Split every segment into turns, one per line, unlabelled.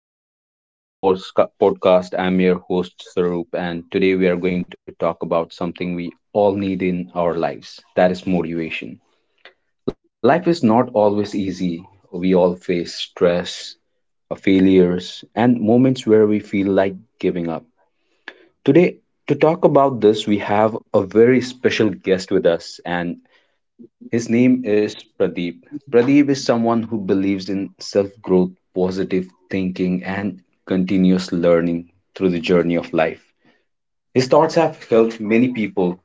everyone, welcome to today's sports podcast. I'm your host Sarup, and today we are going to talk about something we all need in our lives, that is motivation. Life is not always easy. We all face stress, failures, and moments where we feel like giving up. Today, to talk about this, we have a very special guest with us, and his name is Pradeep. Pradeep is someone who believes in self growth, positive thinking, and continuous learning through the journey of life. His thoughts have helped many people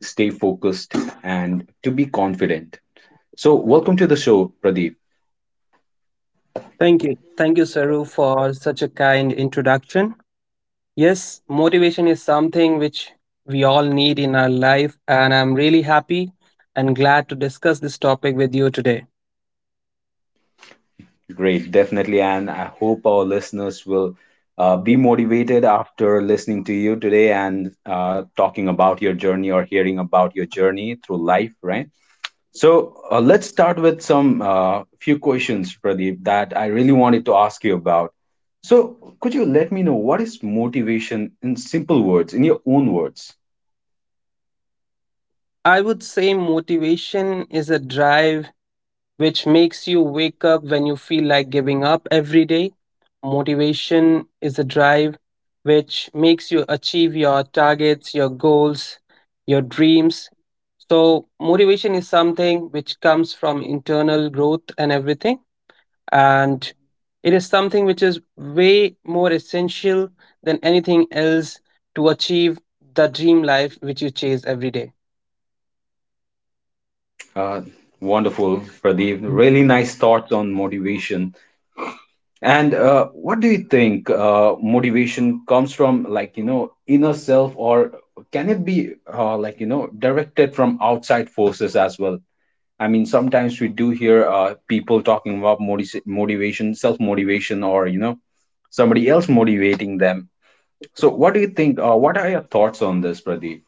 stay focused and to be confident. So, welcome to the show, Pradeep.
Thank you. Thank you, Saru, for such a kind introduction. Yes, motivation is something which we all need in our life, and I'm really happy and glad to discuss this topic with you today.
Great, definitely. And I hope our listeners will be motivated after listening to you today and talking about your journey, or hearing about your journey through life, right? So let's start with some few questions, Pradeep, that I really wanted to ask you about. So, could you let me know what is motivation in simple words, in your own words?
I would say motivation is a drive which makes you wake up when you feel like giving up every day. Motivation is a drive which makes you achieve your targets, your goals, your dreams. So, motivation is something which comes from internal growth and everything. And it is something which is way more essential than anything else to achieve the dream life which you chase every day.
Uh, Wonderful, Pradeep. Really nice thoughts on motivation. And what do you think motivation comes from, like, you know, inner self, or can it be like, you know, directed from outside forces as well? I mean, sometimes we do hear people talking about motivation, self motivation, or you know, somebody else motivating them. So, what do you think? What are your thoughts on this, Pradeep?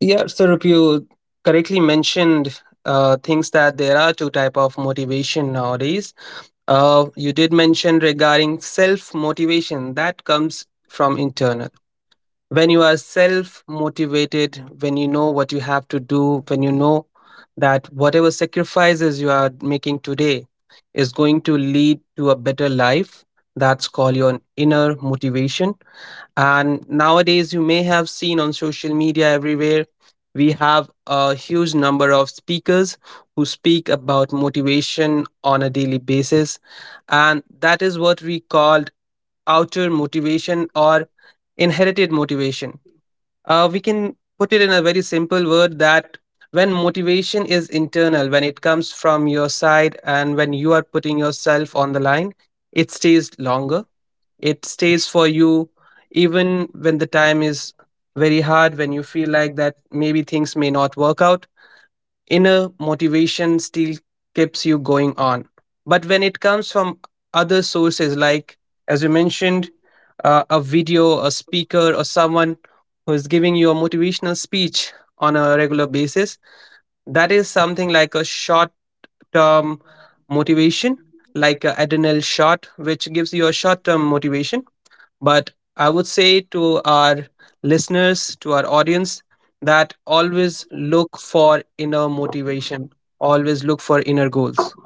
Yeah, Sarup, you correctly mentioned things that there are two type of motivation nowadays. You did mention regarding self motivation that comes from internal. When you are self motivated, when you know what you have to do, when you know that whatever sacrifices you are making today is going to lead to a better life, that's called your inner motivation, and nowadays, you may have seen on social media everywhere, we have a huge number of speakers who speak about motivation on a daily basis. And that is what we called outer motivation or inherited motivation. We can put it in a very simple word that when motivation is internal, when it comes from your side and when you are putting yourself on the line, it stays longer. It stays for you even when the time is very hard, when you feel like that maybe things may not work out. Inner motivation still keeps you going on. But when it comes from other sources, like as you mentioned, a video, a speaker, or someone who is giving you a motivational speech on a regular basis, that is something like a short term motivation, like an adrenal shot, which gives you a short term motivation, but I would say to our listeners, to our audience, that always look for inner motivation, always look for inner goals.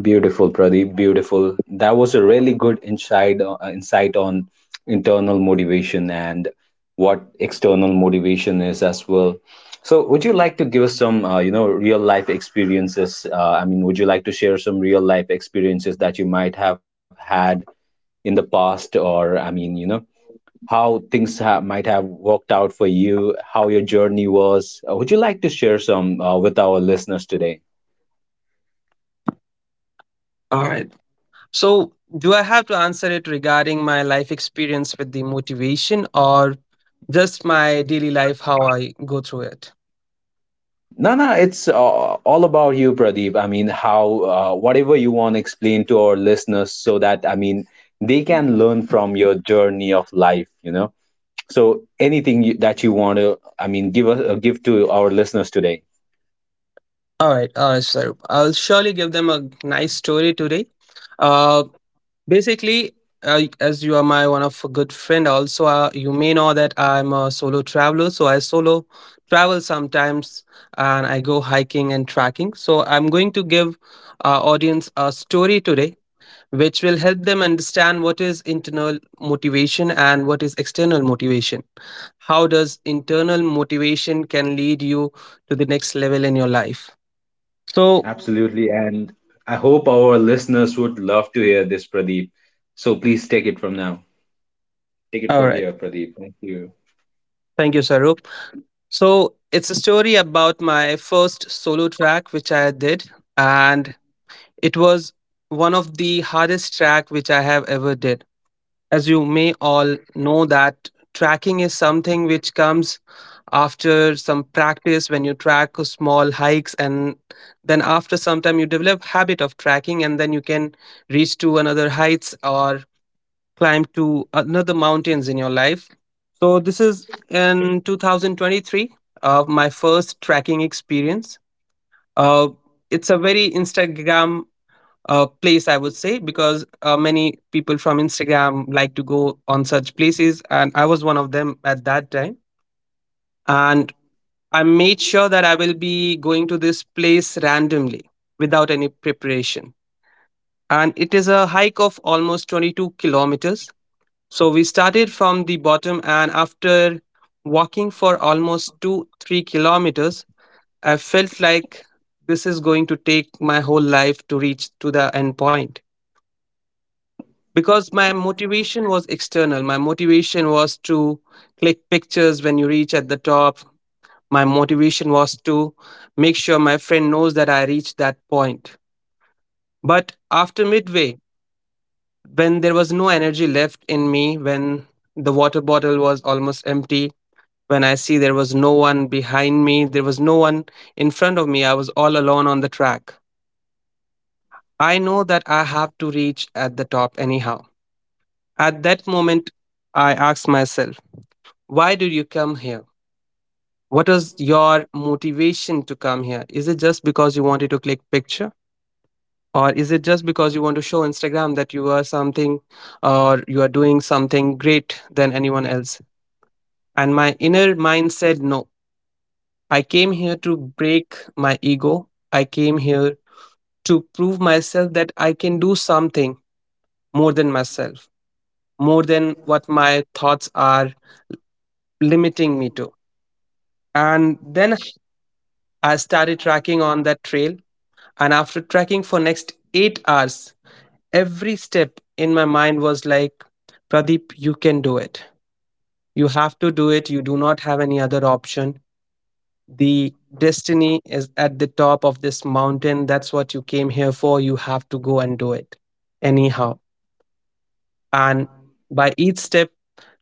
Beautiful, Pradeep. Beautiful. That was a really good insight on internal motivation and what external motivation is as well. So, would you like to give us some real life experiences? I mean, would you like to share some real life experiences that you might have had in the past? Or I mean, you know, how things might have worked out for you, how your journey was. Would you like to share some with our listeners today?
All right. So, do I have to answer it regarding my life experience with the motivation or just my daily life, how I go through it?
No, no, it's all about you, Pradeep. I mean, how, whatever you want to explain to our listeners, so that, I mean, they can learn from your journey of life. So, anything that you want to, I mean, give to our listeners today.
All right, so I'll surely give them a nice story today. Uh, basically, as you are my one of a good friend, also you may know that I'm a solo traveler. So I solo travel sometimes, and I go hiking and trekking. So I'm going to give our audience a story today, which will help them understand what is internal motivation and what is external motivation. How does internal motivation can lead you to the next level in your life? So
Absolutely. And I hope our listeners would love to hear this, Pradeep. So, please take it from now. Take it
All
from
right.
here, Pradeep. Thank you.
Thank you, Sarup. So it's a story about my first solo track which I did, and it was one of the hardest track which I have ever did. As you may all know that tracking is something which comes after some practice when you track small hikes and then after some time you develop habit of tracking and then you can reach to another heights or climb to another mountains in your life. So this is in 2023, my first trekking experience. Uh, it's a very Instagram place, I would say, because many people from Instagram like to go on such places, and I was one of them at that time. And I made sure that I will be going to this place randomly without any preparation. And it is a hike of almost 22 kilometers. So we started from the bottom, and after walking for almost 2, 3 kilometers, I felt like this is going to take my whole life to reach to the end point because my motivation was external. My motivation was to click pictures when you reach at the top. My motivation was to make sure my friend knows that I reached that point. But after midway, when there was no energy left in me, when the water bottle was almost empty, when I see there was no one behind me, there was no one in front of me, I was all alone on the track. I know that I have to reach at the top anyhow. At that moment, I asked myself, why did you come here? What was your motivation to come here? Is it just because you wanted to click picture? Or is it just because you want to show Instagram that you are something or you are doing something great than anyone else? And my inner mind said no. I came here to break my ego. I came here to prove myself that I can do something more than myself, more than what my thoughts are limiting me to. And then I started tracking on that trail. And after tracking for next 8 hours, every step in my mind was like, Pradeep, you can do it. You have to do it. You do not have any other option. The destiny is at the top of this mountain. That's what you came here for. You have to go and do it anyhow. And by each step,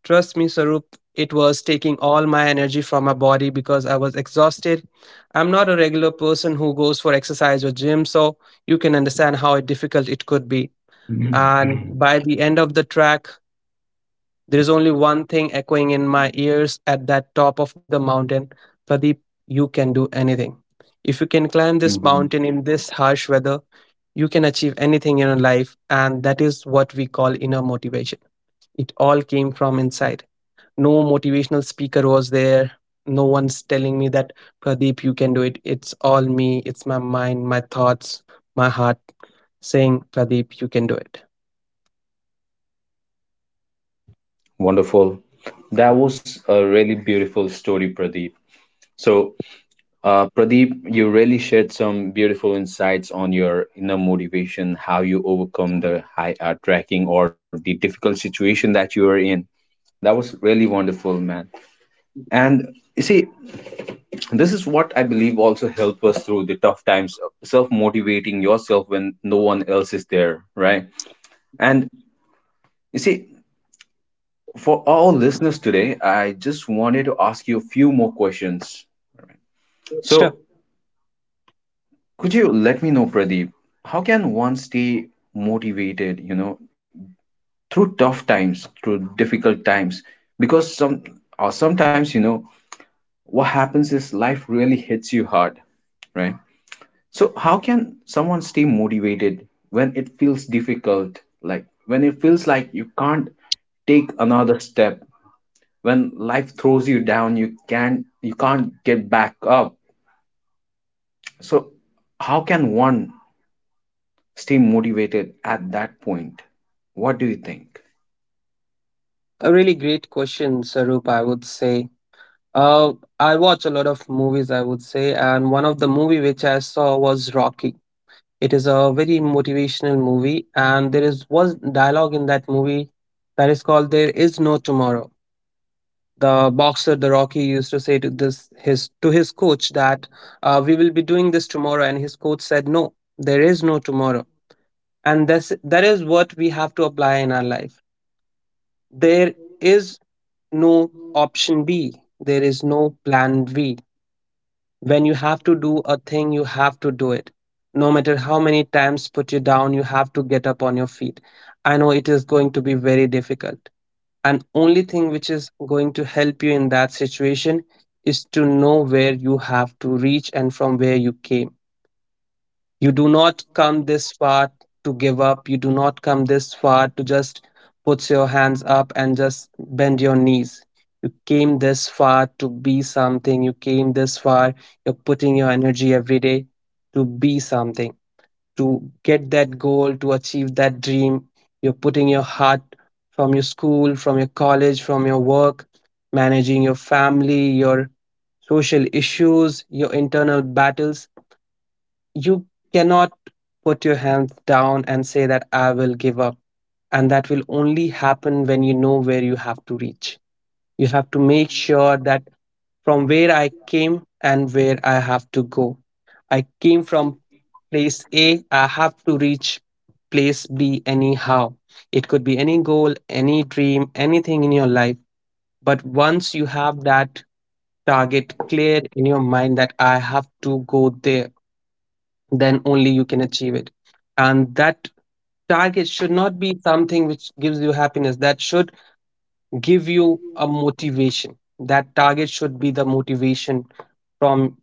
trust me, Sarup, it was taking all my energy from my body because I was exhausted. I'm not a regular person who goes for exercise or gym, so you can understand how difficult it could be. And
Mhm.
by the end of the track, there is only one thing echoing in my ears at that top of the mountain: Pradeep, you can do anything. If you can climb this
Mhm.
mountain in this harsh weather, you can achieve anything in your life, and that is what we call inner motivation. It all came from inside. No motivational speaker was there. No one's telling me that, Pradeep, you can do it. It's all me, it's my mind, my thoughts, my heart saying, Pradeep, you can do it.
Wonderful. That was a really beautiful story, Pradeep. So, Pradeep, you really shared some beautiful insights on your inner motivation, how you overcome the high tracking, or the difficult situation that you were in. That was really wonderful, man. And you see, this is what I believe also help us through the tough times, self motivating yourself when no one else is there, right? And you see, for all listeners today, I just wanted to ask you a few more questions.
Sure.
So, could you let me know, Pradeep, how can one stay motivated, you know, through tough times, through difficult times? Because sometimes, you know, what happens is, life really hits you hard, right? So, how can someone stay motivated when it feels difficult? Like, when it feels like you can't take another step, when life throws you down, you can't get back up. So, how can one stay motivated at that point? What do you think?
A really great question, Sarup, I would say. Uh, I watch a lot of movies, I would say, and one of the movie which I saw was Rocky. It is a very motivational movie, and there is one dialogue in that movie that is called "There is no tomorrow." The boxer, the Rocky, used to say to this his to his coach that we will be doing this tomorrow, and his coach said, "No, there is no tomorrow," and this that is what we have to apply in our life. There is no option B. There is no plan B. When you have to do a thing, you have to do it. No matter how many times put you down, you have to get up on your feet. I know it is going to be very difficult. And only thing which is going to help you in that situation is to know where you have to reach and from where you came. You do not come this far to give up. You do not come this far to just put your hands up and just bend your knees. You came this far to be something. You came this far. You're putting your energy every day to be something, to get that goal, to achieve that dream. You're putting your heart from your school, from your college, from your work, managing your family, your social issues, your internal battles. You cannot put your hands down and say that I will give up. And that will only happen when you know where you have to reach. You have to make sure that from where I came and where I have to go. I came from place A, I have to reach place B anyhow. It could be any goal, any dream, anything in your life. But once you have that target clear in your mind that I have to go there, then only you can achieve it. And that target should not be something which gives you happiness, that should give you a motivation. That target should be the motivation from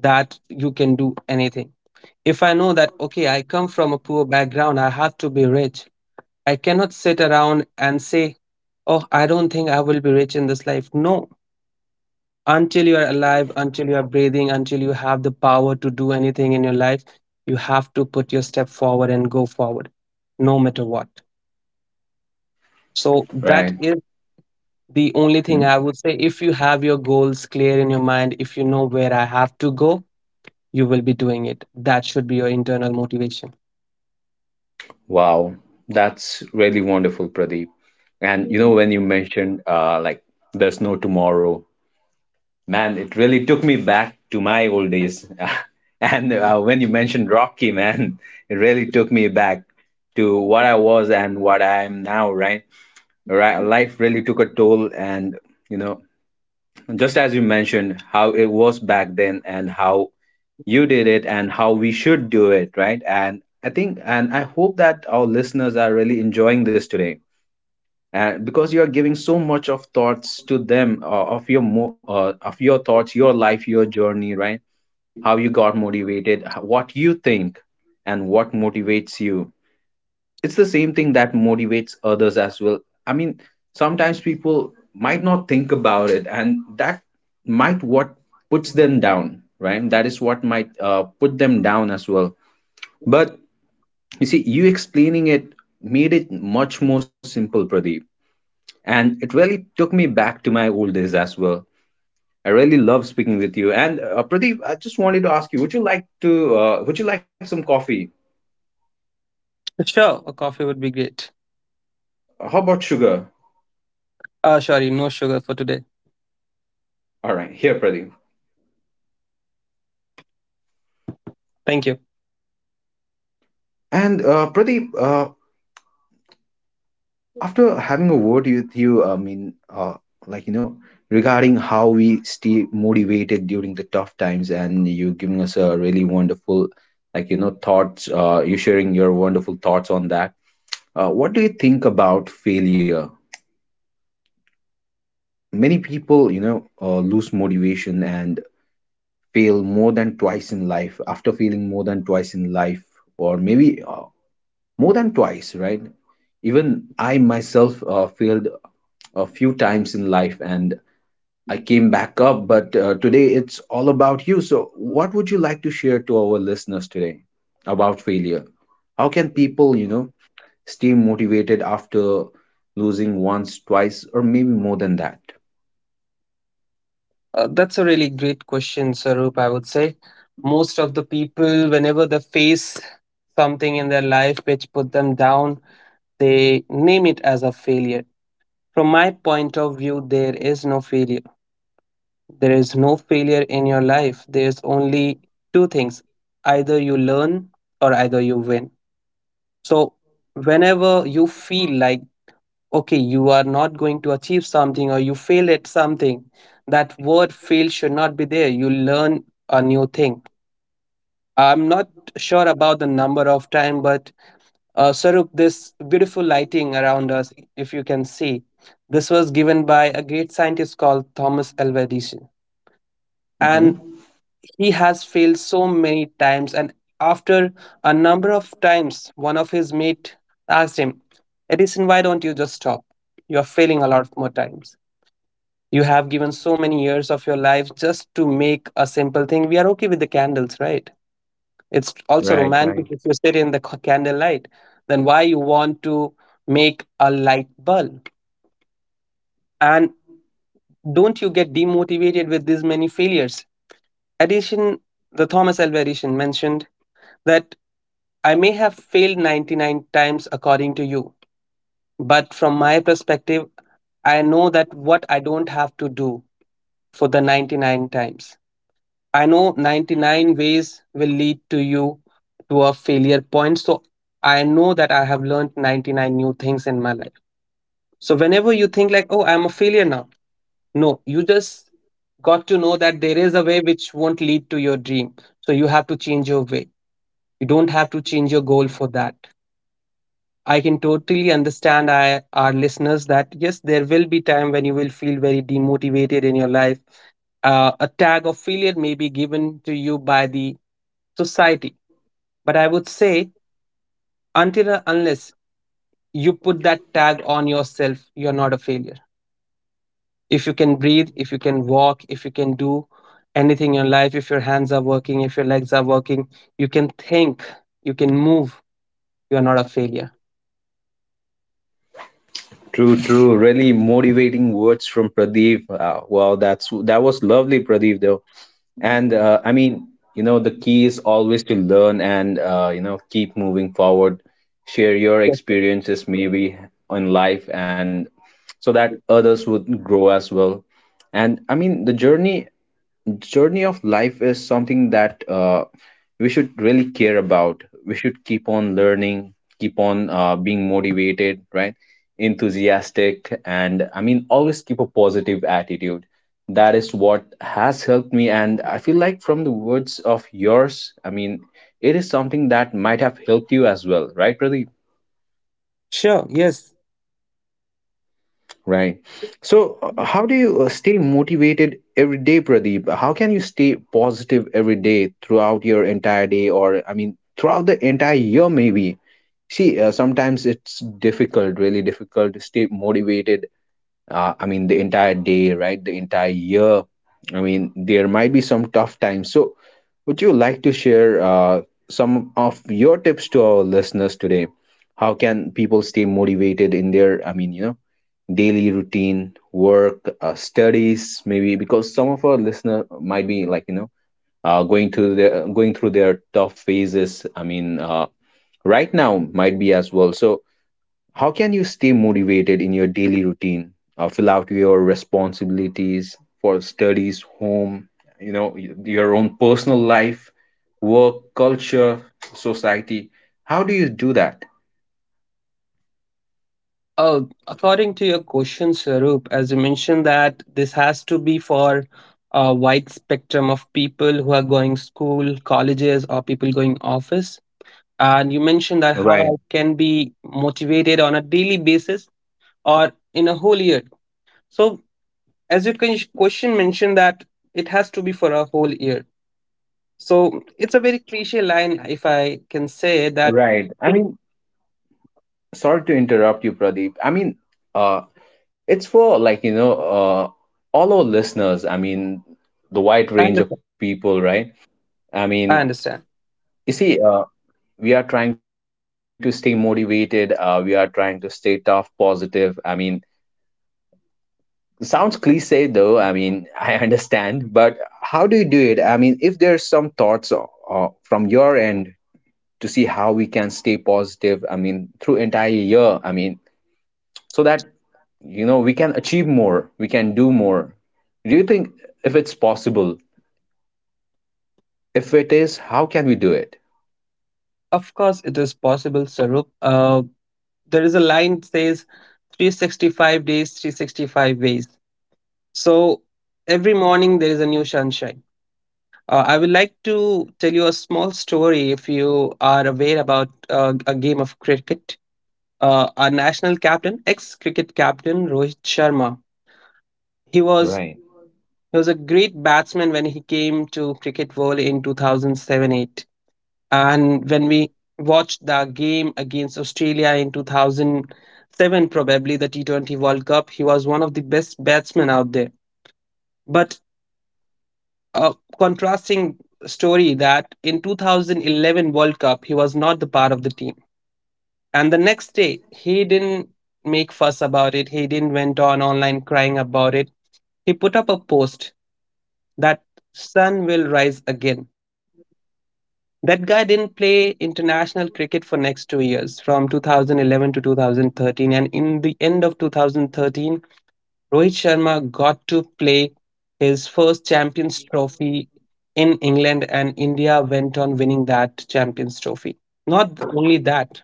that you can do anything. If I know that, okay, I come from a poor background, I have to be rich, I cannot sit around and say, oh, I don't think I will be rich in this life. No, until you are alive, until you are breathing, until you have the power to do anything in your life, you have to put your step forward and go forward, no matter what. So that
Right.
is the only
Hmm.
thing I would say. If you have your goals clear in your mind, if you know where I have to go, you will be doing it. That should be your internal motivation.
Wow. That's really wonderful, Pradeep. And you know, when you mentioned like, there's no tomorrow, man, it really took me back to my old days. And when you mentioned Rocky, man, it really took me back to what I was and what I am now, right? Right, life really took a toll. And, you know, just as you mentioned, how it was back then and how you did it and how we should do it, right? And I think, and I hope, that our listeners are really enjoying this today. And because you are giving so much of thoughts to them, of your thoughts, your life, your journey, right? How you got motivated, what you think, and what motivates you. It's the same thing that motivates others as well. I mean, sometimes people might not think about it, and that might what puts them down, right? That is what might put them down as well. But you see, you explaining it made it much more simple, Pradeep, and it really took me back to my old days as well. I really love speaking with you. And Pradeep, I just wanted to ask you, would you like some coffee?
Sure, a coffee would be great.
How about sugar?
Ah, sorry, no sugar for today.
All right, here, Pradeep.
Thank you.
And Pradeep, after having a word with you, I mean, like, you know, regarding how we stay motivated during the tough times, and you giving us a really wonderful, like, you know, thoughts. You sharing your wonderful thoughts on that. What do you think about failure? Many people, you know, lose motivation and fail more than twice in life. After failing more than twice in life, or maybe more than twice, right? Even I myself failed a few times in life and I came back up, but today it's all about you. So, what would you like to share to our listeners today about failure? How can people, you know, stay motivated after losing once, twice, or maybe more than that?
That's a really great question, Sarup, I would say. Most of the people, whenever they face something in their life which put them down, they name it as a failure. From my point of view, there is no failure. There is no failure in your life. There's only two things, either you learn or either you win. So, whenever you feel like, okay, you are not going to achieve something or you fail at something, that word fail should not be there. You learn a new thing. I'm not sure about the number of time, but Sarup, this beautiful lighting around us, if you can see, this was given by a great scientist called Thomas Alva Edison. And
Hmm.
he has failed so many times, and after a number of times, one of his mate asked him, Edison, why don't you just stop? You're failing a lot more times. You have given so many years of your life just to make a simple thing. We are okay with the candles, right? It's also
Right.
romantic
Right.
if you sit in the candlelight. Then why you want to make a light bulb? And don't you get demotivated with this many failures? Edison, the Thomas Alva Edison mentioned that I may have failed 99 times according to you, but from my perspective, I know that what I don't have to do for the 99 times. I know 99 ways will lead to you to a failure point. So I know that I have learned 99 new things in my life. So whenever you think like, oh, I'm a failure now, no, you just got to know that there is a way which won't lead to your dream. So you have to change your way. You don't have to change your goal for that. I can totally understand our listeners, that yes, there will be time when you will feel very demotivated in your life. A tag of failure may be given to you by the society, but I would say until and unless you put that tag on yourself, you're not a failure. If you can breathe, if you can walk, if you can do anything in your life, if your hands are working, if your legs are working, you can think, you can move, you are not a failure.
True, true. Really motivating words from Pradeep. Wow, that was lovely, Pradeep. Though, and I mean, you know, the key is always to learn and you know, keep moving forward. Share your experiences, maybe, in life, and so that others would grow as well. And I mean, the journey of life is something that we should really care about. We should keep on learning, keep on being motivated, right? Enthusiastic, and I mean, always keep a positive attitude. That is what has helped me, and I feel like, from the words of yours, I mean, it is something that might have helped you as well, right, Pradeep?
Sure, yes.
Right. So, how do you stay motivated every day, Pradeep? How can you stay positive every day throughout your entire day, or I mean, throughout the entire year, maybe? See, sometimes it's difficult, really difficult, to stay motivated I mean, the entire day, right? The entire year. I mean, there might be some tough times. So, would you like to share some of your tips to our listeners today? How can people stay motivated in their, I mean, you know, daily routine, work, studies, maybe? Because some of our listener might be like, you know, going through their tough phases. I mean, right now might be as well. So, how can you stay motivated in your daily routine? Fill out your responsibilities for studies, home, you know, your own personal life, work, culture, society. How do you do that?
Uh, According to your question, Sarup, as you mentioned that this has to be for a wide spectrum of people who are going school, colleges, or people going office. And you mentioned that
Right,
how I can be motivated on a daily basis or in a whole year. So as your question mentioned that it has to be for a whole year, so it's a very cliche line, if I can say that.
right. I mean, sorry to interrupt you, Pradeep. I mean, uh, it's for, like, you know, all our listeners. I mean, the wide
i
range of
understand,
people, right? I mean,
I understand.
you see, we are trying to stay motivated, we are trying to stay tough, positive. I mean, sounds cliche, though. I mean, I understand, but how do you do it? I mean, if there's some thoughts, from your end, to see how we can stay positive, I mean, through entire year. I mean, so that, you know, we can achieve more, we can do more. Do you think, if it's possible? If it is, how can we do it?
Of course it is possible, Sarup. There is a line that says 365 days, 365 ways. So every morning there is a new sunshine. I would like to tell you a small story, if you are aware about a game of cricket. Our national captain, ex cricket captain Rohit Sharma. He was
Right.
he was a great batsman when he came to cricket world in 2007-8, and when we watched the game against Australia in 2007, probably the T20 World Cup, he was one of the best batsmen out there. But a contrasting story, that in 2011 World Cup he was not the part of the team. And the next day he didn't make fuss about it, he didn't went on online crying about it. He put up a post that sun will rise again. That guy didn't play international cricket for next 2 years, from 2011 to 2013. And in the end of 2013, Rohit Sharma got to play his first Champions Trophy in England, and India went on winning that Champions Trophy. Not only that,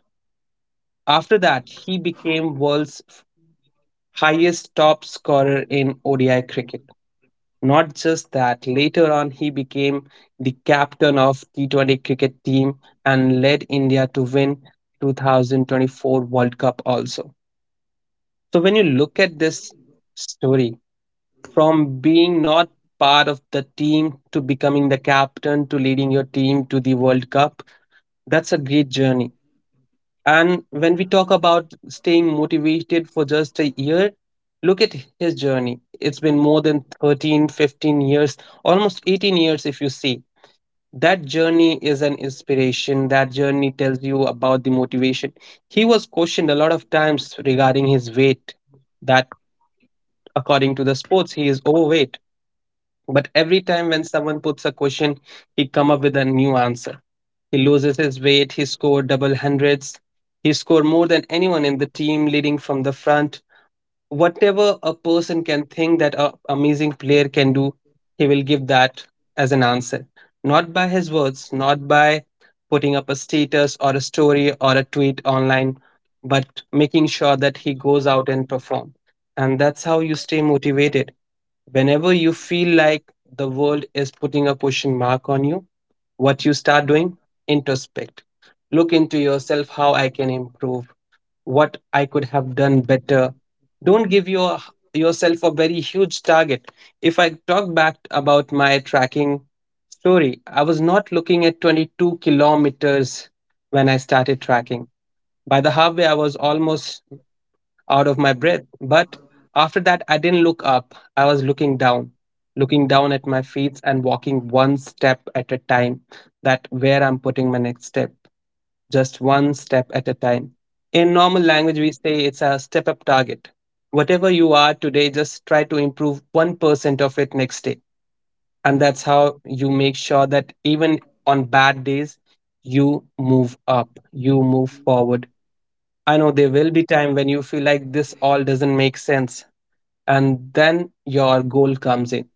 after that, he became world's highest top scorer in ODI cricket. Not just that, later on he became the captain of T20 cricket team and led India to win 2024 World Cup also. So when you look at this story, from being not part of the team to becoming the captain to leading your team to the World Cup, that's a great journey. And when we talk about staying motivated for just a year, look at his journey. It's been more than 13, 15 years, almost 18 years if you see. That journey is an inspiration. That journey tells you about the motivation. He was questioned a lot of times regarding his weight, that according to the sports, he is overweight. But every time when someone puts a question, he come up with a new answer. He loses his weight, he scored double hundreds, he scored more than anyone in the team leading from the front. Whatever a person can think that a amazing player can do, he will give that as an answer. Not by his words, not by putting up a status or a story or a tweet online, but making sure that he goes out and perform. And that's how you stay motivated. Whenever you feel like the world is putting a question mark on you, what you start doing? Introspect. Look into yourself, how I can improve, what I could have done better. Don't give yourself a very huge target. If I talk back about my tracking story, I was not looking at 22 kilometers when I started tracking. By the halfway, I was almost out of my breath. But after that, I didn't look up. I was looking down at my feet and walking one step at a time. That where I'm putting my next step, just one step at a time. In normal language, we say it's a step up target. Whatever you are today, just try to improve 1% of it next day. And that's how you make sure that even on bad days, you move up, you move forward. I know there will be time when you feel like this all doesn't make sense, and then your goal comes in.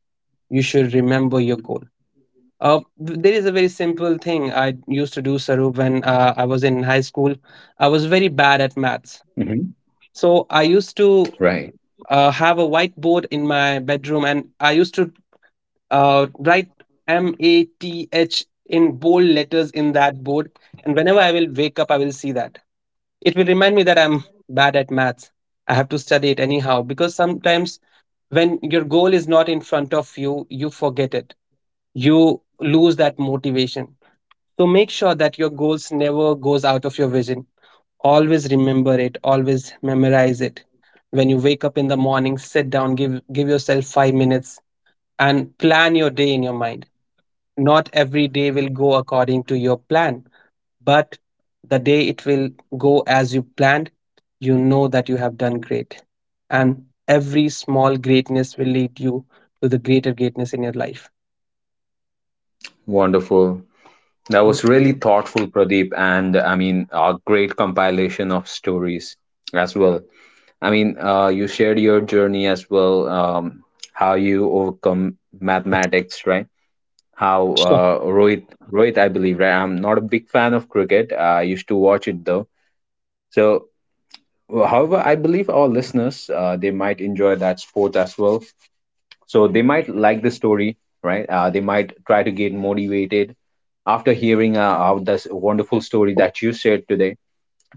You should remember your goal. There is a very simple thing I used to do, Sarup, when I was in high school. I was very bad at
Hmm.
maths. So I used to
Right.
have a whiteboard in my bedroom and I used to write MATH in bold letters in that board. And whenever I will wake up, I will see that. It will remind me that I'm bad at maths. I have to study it anyhow because sometimes when your goal is not in front of you, you forget it. You lose that motivation. So make sure that your goals never goes out of your vision. Always remember it, always memorize it. When you wake up in the morning, sit down, give yourself 5 minutes and plan your day in your mind. Not every day will go according to your plan. But the day it will go as you planned, you know that you have done great. And every small greatness will lead you to the greater greatness in your life.
Wonderful. That was really thoughtful, Pradeep, and I mean, a great compilation of stories as well. I mean, you shared your journey as well, how you overcome mathematics, right? How
Sure.
Rohit, I believe, right? I'm not a big fan of cricket. I used to watch it though. So, however, I believe our listeners, they might enjoy that sport as well. So they might like the story, right? They might try to get motivated after hearing of this wonderful story that you shared today.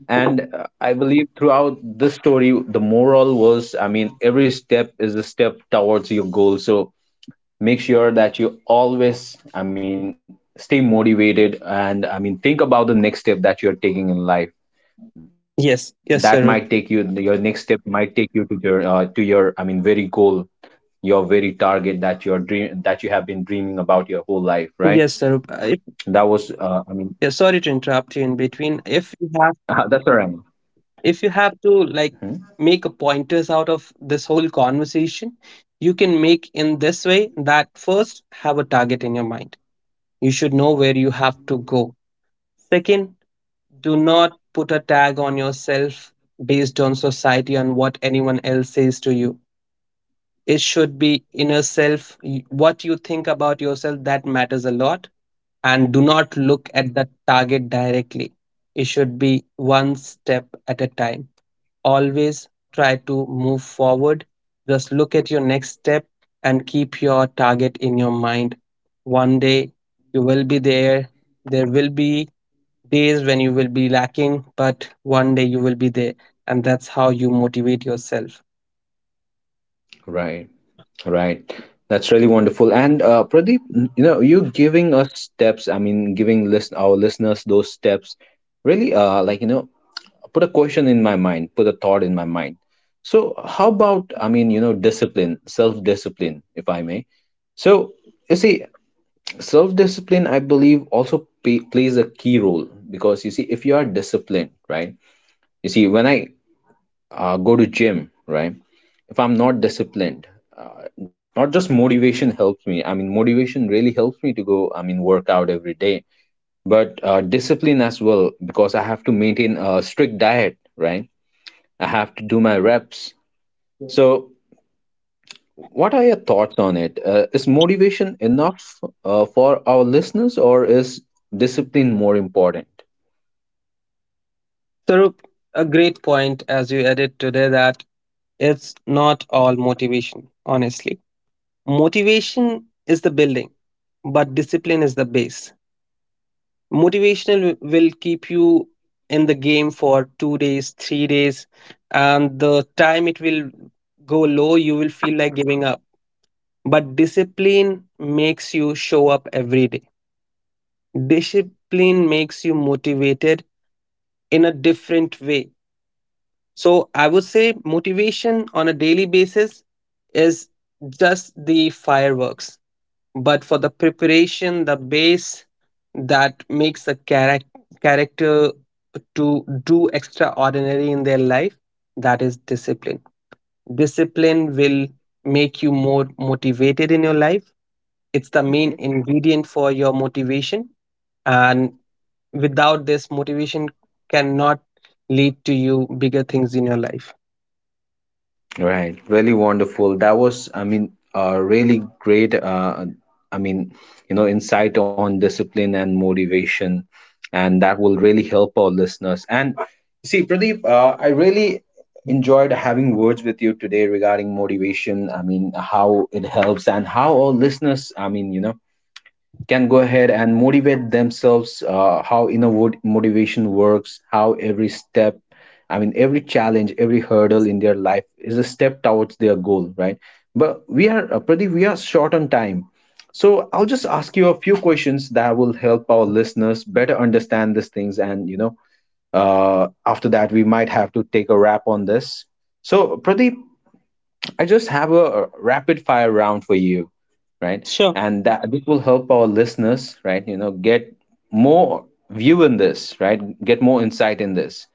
And I believe, throughout this story, the moral was, I mean, every step is a step towards your goal. So, make sure that you always, I mean, stay motivated, and I mean, think about the next step that you're taking in life that might
Yes,
take you.
yes,
Your
Sarup.
next step might take you to your, I mean, very goal, your very target, that you have been dreaming about your whole life, right?
Yes, Sarup.
That was, I mean,
Yeah, sorry to interrupt you in between.
that's all right.
If you have to
Mhm.
like make a pointers out of this whole conversation, you can make in this way, that first have a target in your mind. You should know where you have to go. Second, do not put a tag on yourself based on society and what anyone else says to you. It should be inner self, what you think about yourself that matters a lot. And do not look at the target directly, it should be one step at a time. Always try to move forward, just look at your next step and keep your target in your mind. One day you will be there. There will be days when you will be lacking, but one day you will be there. And that's how you motivate yourself.
Right. Right. That's really wonderful. And Pradeep, you giving us steps, I mean, giving listen our listeners those steps, really put a question in my mind, put a thought in my mind. So, how about, discipline, self discipline, if I may. So, you see, self discipline, I believe, also plays a key role because you see, if you are disciplined, right? You see, when I go to gym, right? If I'm not disciplined, not just motivation helps me. I mean, motivation really helps me to go, I mean, work out every day, but discipline as well because I have to maintain a strict diet, right? I have to do my reps. So, what are your thoughts on it? Is motivation enough for our listeners, or is discipline more important?
So, a great point as you added today, that it's not all motivation, honestly. Motivation is the building, but discipline is the base. Motivational will keep you in the game for 2 days, 3 days, and the time it will go low, you will feel like giving up. But discipline makes you show up every day. Discipline makes you motivated in a different way. So I would say motivation on a daily basis is just the fireworks. But for the preparation, the base, that makes a character to do extraordinary in their life, that is discipline. Discipline will make you more motivated in your life. It's the main ingredient for your motivation. And without this, motivation cannot lead to you bigger things in your life.
Right, really wonderful. That was, I mean, really great. I mean, you know, insight on discipline and motivation, and that will really help our listeners. And you see, Pradeep, I really enjoyed having words with you today regarding motivation. I mean, how it helps and how our listeners, can go ahead and motivate themselves, how motivation works, how every step, I mean every challenge, every hurdle in their life is a step towards their goal, right? But we are, Pradeep, we are short on time, so I'll just ask you a few questions that will help our listeners better understand these things and you know After that we might have to take a wrap on this. So Pradeep, I just have a rapid fire round for you, right?
Sure.
And that this will help our listeners, right? You know, get more view in this, right? Get more insight in this.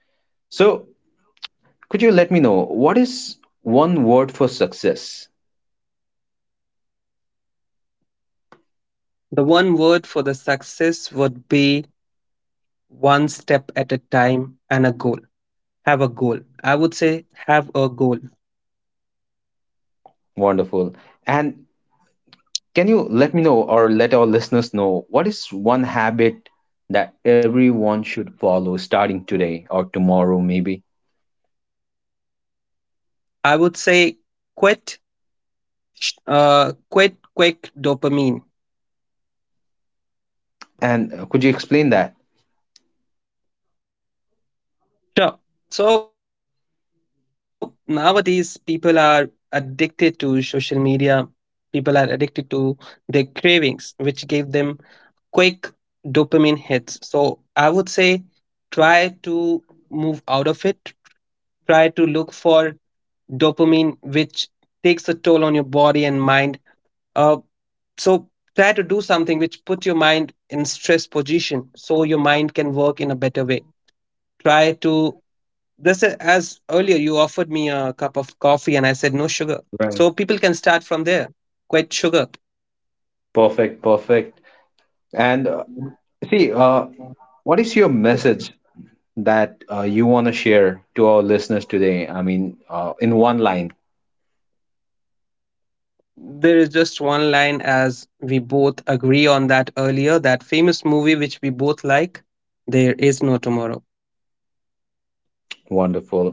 So, could you let me know what is one word for success?
The one word for the success would be one step at a time, and a goal. Have a goal, I would say. Have a goal,
Wonderful. And can you let me know, or let our listeners know, what is one habit that everyone should follow starting today or tomorrow, maybe?
I would say. Quit sh- uh quit quick dopamine.
And could you explain that?
Sure. So nowadays people are addicted to social media. People are addicted to their cravings which gave them quick dopamine hits. So I would say try to move out of it. Try to look for dopamine, which takes a toll on your body and mind. Uh, so try to do something which put your mind in stress position so your mind can work in a better way. Try to as earlier you offered me a cup of coffee and I said no sugar. So people can start from
Right.
there. Quit sugar.
Perfect, perfect. And see, what is your message that you want to share to our listeners today? I mean, in one line.
There is just one line, as we both agree on that earlier, that famous movie which we both like, There Is No Tomorrow.
Wonderful.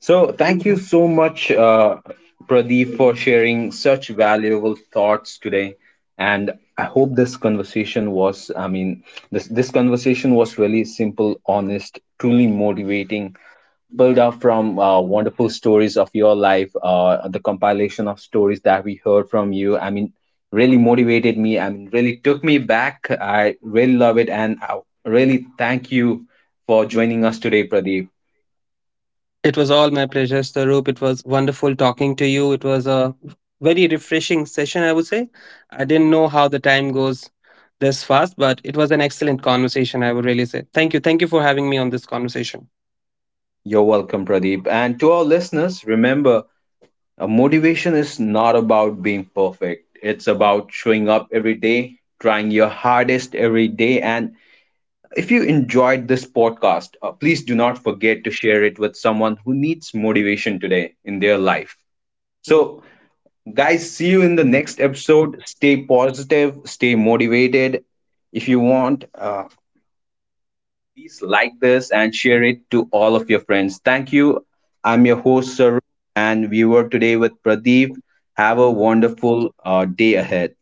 So, thank you so much, Pradeep, for sharing such valuable thoughts today. And I hope this conversation was, I mean, this conversation was really simple, honest, truly motivating, pulled off from wonderful stories of your life, the compilation of stories that we heard from you. I mean, really motivated me. I mean, really took me back. I really love it. And I really thank you for joining us today, Pradeep.
It was all my pleasure, Starup. It was wonderful talking to you. It was a very refreshing session, I would say. I didn't know how the time goes this fast, but it was an excellent conversation, I would really say. Thank you. Thank you for having me on this conversation.
You're welcome, Pradeep. And to our listeners, remember, motivation is not about being perfect. It's about showing up every day, trying your hardest every day, and if you enjoyed this podcast, please do not forget to share it with someone who needs motivation today in their life. So, guys, see you in the next episode. Stay positive, stay motivated. If you want, please like this and share it to all of your friends. Thank you. I'm your host, Saru, and we were today with Pradeep. Have a wonderful day ahead.